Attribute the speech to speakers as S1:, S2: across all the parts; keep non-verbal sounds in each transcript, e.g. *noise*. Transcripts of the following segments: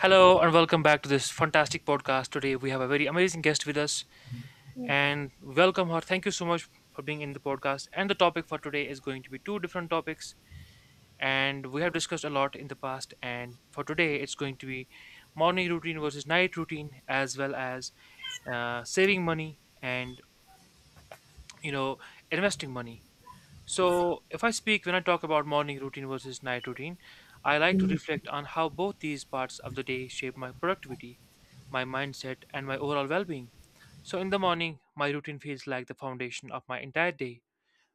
S1: Hello and welcome back to this fantastic podcast. Today we have a very amazing guest with us and welcome her. Thank you so much for being in the podcast. And the topic for today is going to be two different topics, and we have discussed a lot in the past, and for today it's going to be morning routine versus night routine, as well as saving money and you know investing money. So, if I speak when I talk about morning routine versus night routine, I like to
S2: Uh,
S1: reflect on how both these parts of the day shape my productivity, my mindset, and my overall well being. So, in the morning, my routine feels like the foundation of my entire day.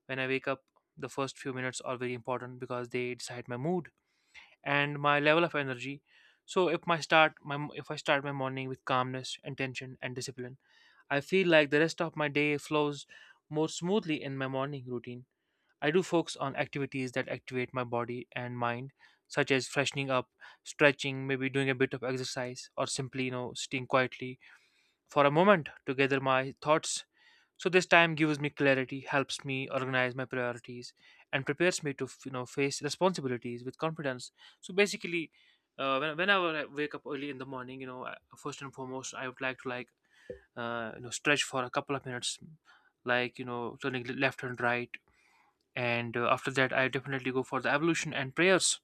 S1: When I wake up, the first few minutes are very important because they decide my mood and my level of energy. So, if my start my if I start my morning with calmness, intention, and discipline, I feel like the rest of my day flows more smoothly in my morning routine. I do focus on activities that activate my body and mind, such as freshening up, stretching, maybe doing a bit of exercise, or simply, you know, sitting quietly for a moment to gather my thoughts. So this time gives me clarity, helps me organize my priorities, and prepares me to, you know, face responsibilities with confidence. So basically, when, whenever I wake up early in the morning, you know, I- first and foremost, I would like to like, you know, stretch for a couple of minutes, like you know, turning left and right, and after that I definitely go for the evolution and prayers.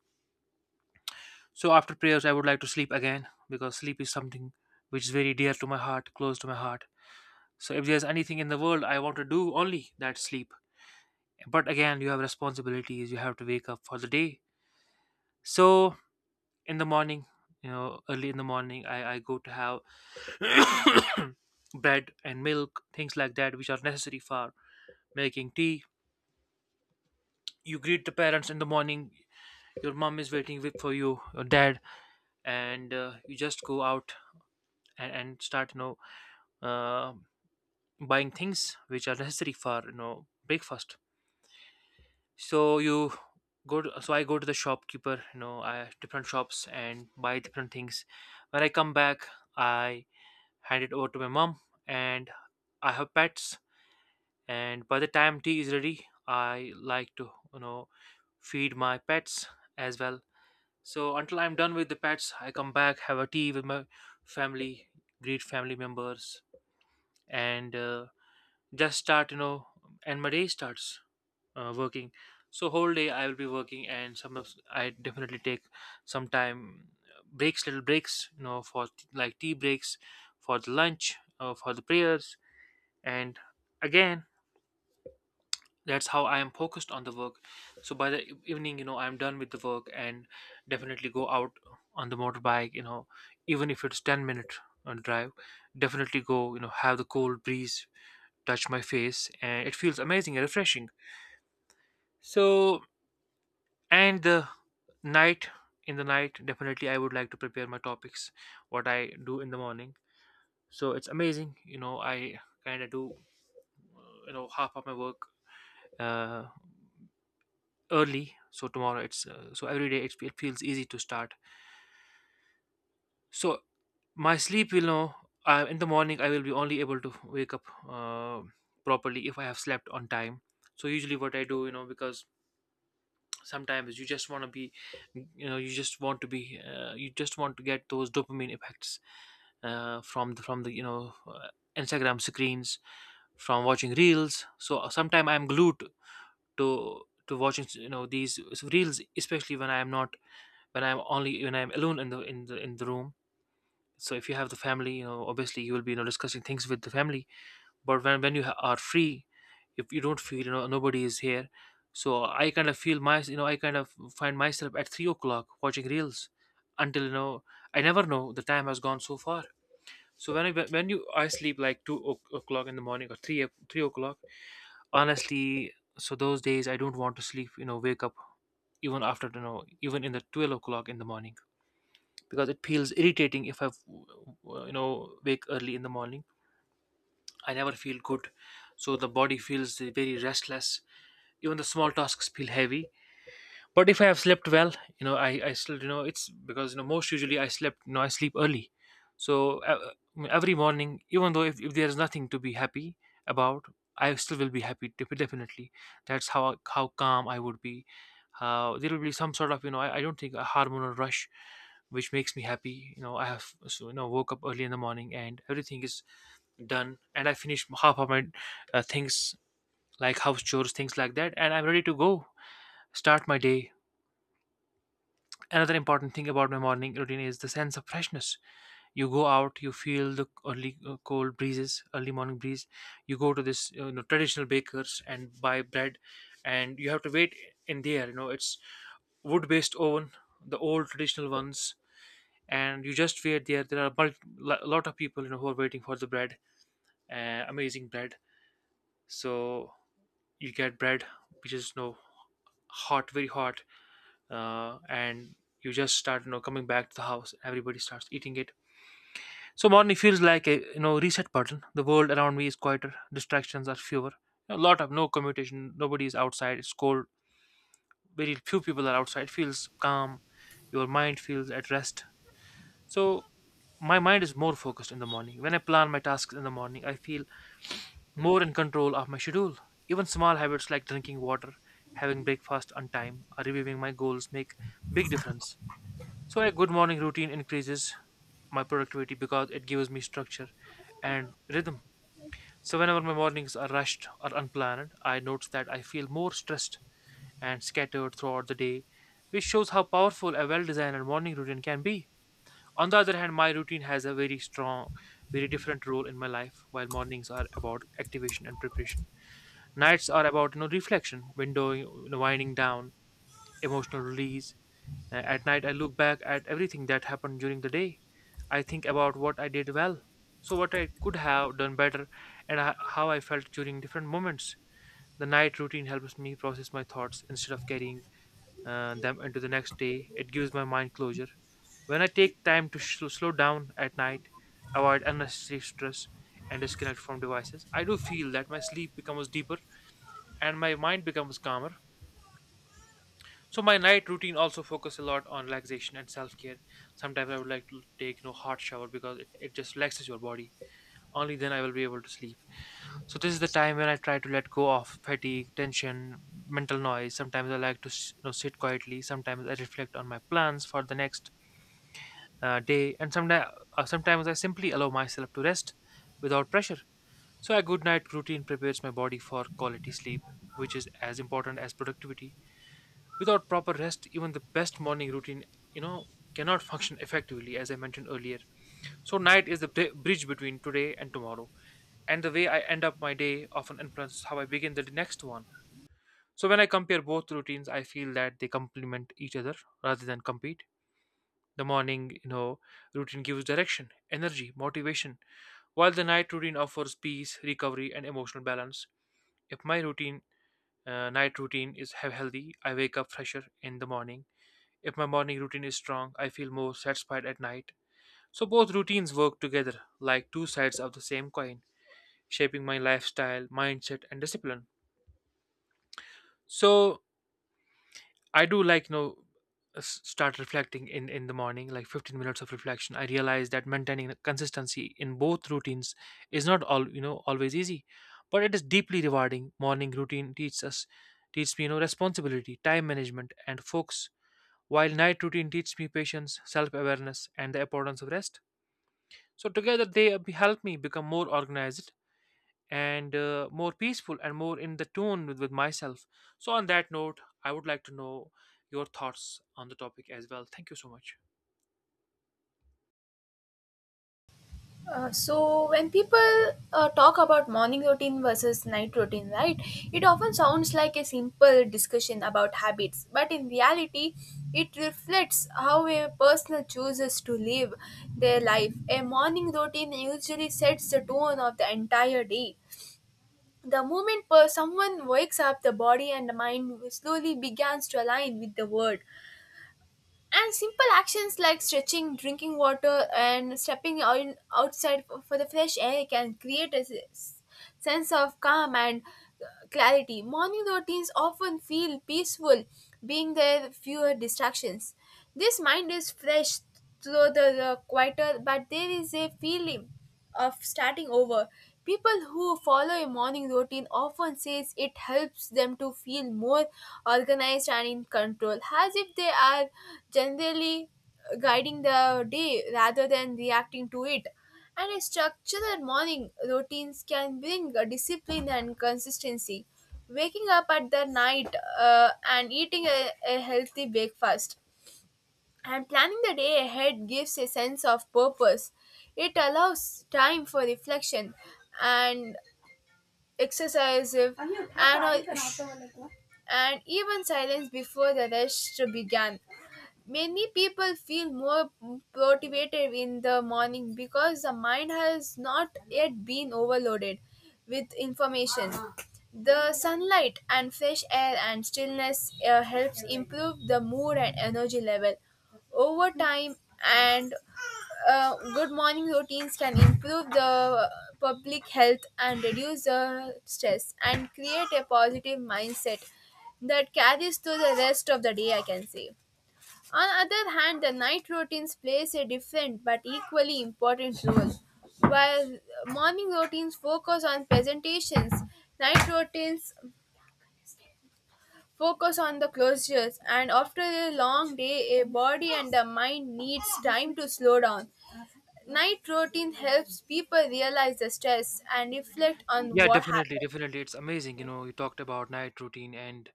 S1: So after prayers I would like to sleep again, because sleep is something which is very dear to my heart, close to my heart. So if there's anything in the world I want to do, only that sleep. But again, you have responsibilities, you have to wake up for the day. So in the morning, you know, early in the morning I go to have *coughs* bread and milk, things like that, which are necessary for making tea. You greet the parents in the morning, your mom is waiting with- for you, your dad, and you just go out, and start, you know, uh, buying things which are *laughs* necessary for you know breakfast. So you go to, so I go to the shopkeeper, you know, I different shops and buy different things. When I come back, I hand it over to my mom. And I have pets, and by the time tea is ready I like to, you know, feed my pets as well. So until I'm done with the pets, I come back, have a tea with my family, greet family members, and just start, you know, and my day starts, working. So whole day I will be working, and some of I definitely take some time, breaks, little breaks, you know, for t- like tea breaks, for the lunch, for the prayers. And again, that's how I am focused on the work. So by the e- evening, you know, I'm done with the work, and definitely go out on the motorbike, you know, even if it's 10 minute drive. Definitely go, you know, have the cold breeze touch my face, and it feels amazing and refreshing. So, and the night, in the night definitely I would like to prepare my topics what I do in the morning. So it's amazing, you know, I kind of do you know half of my work uh, early, so tomorrow it's so every day it feels easy to start. So my sleep will know, in the morning I will be only able to wake up properly if I have slept on time. So usually what I do, you know, because sometimes you just want to be, you know, you just want to be you just want to get those dopamine effects from the you know Instagram screens, from watching reels. So sometimes I'm glued to watching, you know, these reels, especially when I'm not, when I'm only when I'm alone in the in the in the room. So if you have the family, you know, obviously you will be, you know, discussing things with the family. But when you ha- are free, if you don't feel, you know, nobody is here, so I kind of feel my, you know, I kind of find myself at 3 o'clock watching reels until, you know, I never know the time has gone so far. So when I when you I sleep like two o- o'clock in the morning, or three o- 3 o'clock, honestly. So those days I don't want to sleep, you know, wake up even after, you know, even in the 12 o'clock in the morning, because it feels irritating if I, you know, wake early in the morning, I never feel good. So the body feels very restless. Even the small tasks feel heavy. But if I have slept well, you know, I still, you know, it's because, you know, most usually I slept, you know, I sleep early. So every morning, even though if there's nothing to be happy about, I still will be happy def- definitely. That's how calm I would be, how there will be some sort of, you know, I don't think a hormonal rush which makes me happy. You know, I have so, you know, woke up early in the morning, and everything is done, and I finished half of my things, like house chores, things like that, and I'm ready to go start my day. Another important thing about my morning routine is the sense of freshness. You go out, you feel the early cold breezes, early morning breeze. You go to this, you know, traditional bakers and buy bread, and you have to wait in there. You know, it's wood-based oven, the old traditional ones, and you just wait there. There are a lot of people, you know, who are waiting for the bread, amazing bread. So you get bread which is, you know, hot, very hot, and you just start, you know, coming back to the house, everybody starts eating it. So morning feels like a, you know, reset button. The world around me is quieter, distractions are fewer, a lot of no commutation, nobody is outside, it's cold, very few people are outside, feels calm, your mind feels at rest. So my mind is more focused in the morning. When I plan my tasks in the morning, I feel more in control of my schedule. Even small habits like drinking water, having breakfast on time, or reviewing my goals make big difference. So a good morning routine increases my productivity because it gives me structure and rhythm. So whenever my mornings are rushed or unplanned, I notice that I feel more stressed and scattered throughout the day, which shows how powerful a well-designed morning routine can be. On the other hand, my routine has a very strong, very different role in my life. While mornings are about activation and preparation, nights are about, you know, reflection, windowing, you know, winding down, emotional release, at night, I look back at everything that happened during the day. I think about what I did well, so what I could have done better, and ho- how I felt during different moments. The night routine helps me process my thoughts instead of carrying them into the next day. It gives my mind closure. When I take time to sh- slow down at night, avoid unnecessary stress, and disconnect from devices, I do feel that my sleep becomes deeper and my mind becomes calmer. So my night routine also focus a lot on relaxation and self-care. Sometimes I would like to take, you know, hot shower because it just relaxes your body. Only then I will be able to sleep. So this is the time when I try to let go of fatigue, tension, mental noise. Sometimes I like to s- you know, sit quietly. Sometimes I reflect on my plans for the next day, and sometimes sometimes I simply allow myself to rest without pressure. So a good night routine prepares my body for quality sleep, which is as important as productivity. Without proper rest, even the best morning routine, you know, cannot function effectively, as I mentioned earlier. So, night is the bri- bridge between today and tomorrow, and the way I end up my day often influences how I begin the next one. So, when I compare both routines, I feel that they complement each other rather than compete. The morning, you know, routine gives direction, energy, motivation, while the night routine offers peace, recovery, and emotional balance. If my night routine is healthy, I wake up fresher in the morning. If my morning routine is strong, I feel more satisfied at night. So both routines work together like two sides of the same coin, shaping my lifestyle, mindset, and discipline. So I do, like, start reflecting in the morning, like 15 minutes of reflection. I realize that maintaining consistency in both routines is not all always easy, but it is deeply rewarding. Morning routine teaches me, you know, responsibility, time management, and focus, while night routine teaches me patience, self awareness, and the importance of rest. So, together they help me become more organized and more peaceful and more in the tune with myself. So, on that note, I would like to know your thoughts on the topic as well. Thank you so much.
S2: so when people talk about morning routine versus night routine, right, it often sounds like a simple discussion about habits, but in reality it reflects how a person chooses to live their life. A morning routine usually sets the tone of the entire day. The moment per someone wakes up, the body and the mind slowly begins to align with the world. And simple actions like stretching, drinking water, and stepping out outside for the fresh air can create a sense of calm and uh, clarity. Morning routines often feel peaceful, being there fewer distractions. This mind is fresh, so the quieter, but there is a feeling of starting over. People who follow a morning routine often says it helps them to feel more organized and in control, as if they are generally guiding the day rather than reacting to it. And a structured morning routines can bring a discipline and consistency. Waking up at the night and eating a healthy breakfast and planning the day ahead gives a sense of purpose. It allows time for reflection and exercise, and even silence before the rush began. Many people feel more motivated in the morning because the mind has not yet been overloaded with information. The sunlight and fresh air and stillness helps improve the mood and energy level over time. And good morning routines can improve the public health and reduce the stress and create a positive mindset that carries through the rest of the day, I can say. On the other hand, the night routines plays a different but equally important role. While morning routines focus on presentations, night routines focus on the closures, and after a long day, a body and the mind needs time to slow down. Night routine helps people realize the stress and reflect on
S1: Yeah,
S2: what
S1: definitely,
S2: happened.
S1: definitely. It's amazing. You know, you talked about night routine, and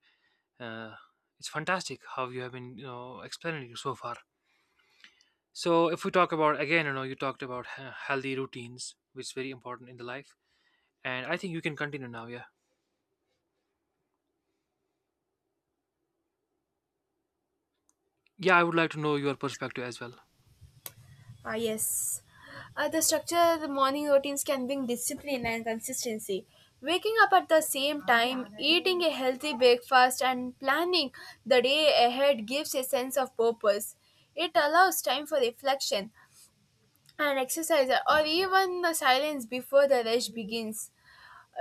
S1: uh, it's fantastic how you have been, you know, explaining it so far. So, if we talk about again, you know, you talked about healthy routines, which is very important in the life, and I think you can continue now. Yeah. Yeah, I would like to know your perspective as well.
S2: Ah, yes. The structure of the morning routines can bring discipline and consistency. Waking up at the same time, eating a healthy breakfast, and planning the day ahead gives a sense of purpose. It allows time for reflection and exercise, or even the silence before the rush begins.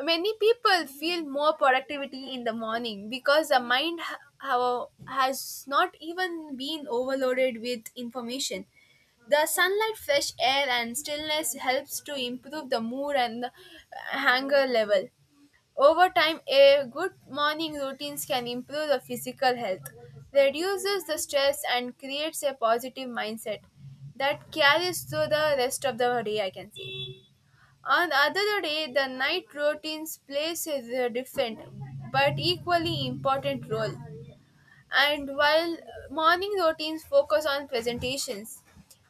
S2: Many people feel more productivity in the morning because the mind has not even been overloaded with information. The sunlight, fresh air, and stillness helps to improve the mood and the hunger level. Over time, a good morning routines can improve the physical health, reduces the stress, and creates a positive mindset that carries through the rest of the day. I can say. On the other day, the night routines plays a different but equally important role. And while morning routines focus on presentations,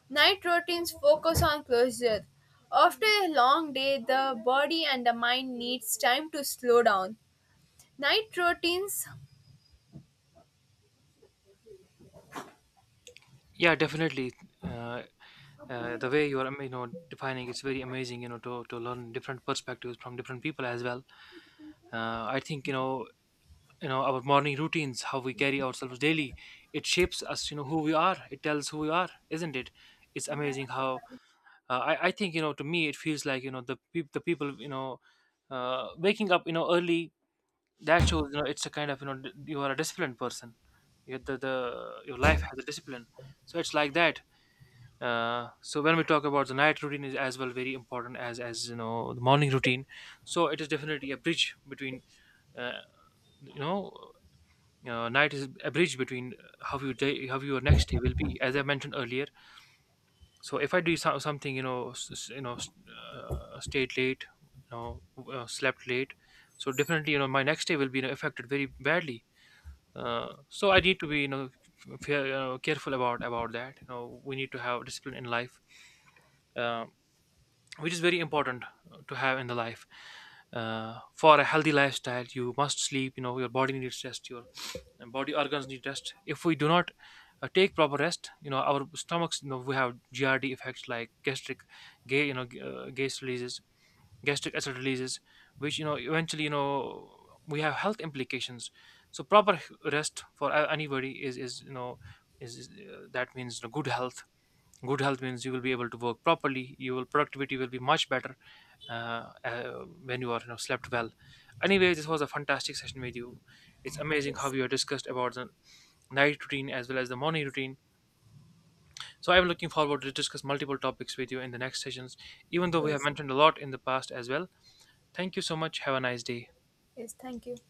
S2: night routines focus on closure. After a long day, the body and the mind needs time to slow down. Night routines.
S1: Yeah, definitely. Uh, the way you are, you know, defining it's very amazing. You know, to learn different perspectives from different people as well. I think you know, our morning routines, how we carry ourselves daily, it shapes us. You know, who we are. It tells who we are, isn't it? It's amazing how I think you know. To me, it feels like, you know, the people, you know, waking up, you know, early. That shows, you know, it's a kind of, you know, you are a disciplined person. The your life has a discipline, so it's like that. So when we talk about the night routine is as well very important as you know the morning routine. So it is definitely a bridge between, uh, you know, night is a bridge between, how your day, how your next day will be. As I mentioned earlier, so if I do something, you know, you know, stayed late, you know, slept late, so definitely, you know, my next day will be, you know, affected very badly. So I need to be, you know, fair, you know, careful about that. You know, we need to have discipline in life, uh, which is very important to have in the life, for a healthy lifestyle. You must sleep, you know. Your body needs rest. Your body organs need rest. If we do not take proper rest, you know, our stomachs, you know, we have grd effects, like gastric, gay, you know, gas releases, gastric acid releases, which, you know, eventually, you know, we have health implications. So proper rest for anybody is, you know, is, that means, you know, good health. Good health means you will be able to work properly. You will productivity will be much better, uh, uh, when you are, you know, slept well. Anyway, this was a fantastic session with you. It's amazing how
S2: Yes,
S1: you have discussed about the night routine as well as the morning routine, so I'm looking forward to discuss multiple topics with you in the next sessions, even though we have
S2: yes,
S1: mentioned a lot in the past as well. Thank you so much. Have a nice day.
S2: yes. Thank you.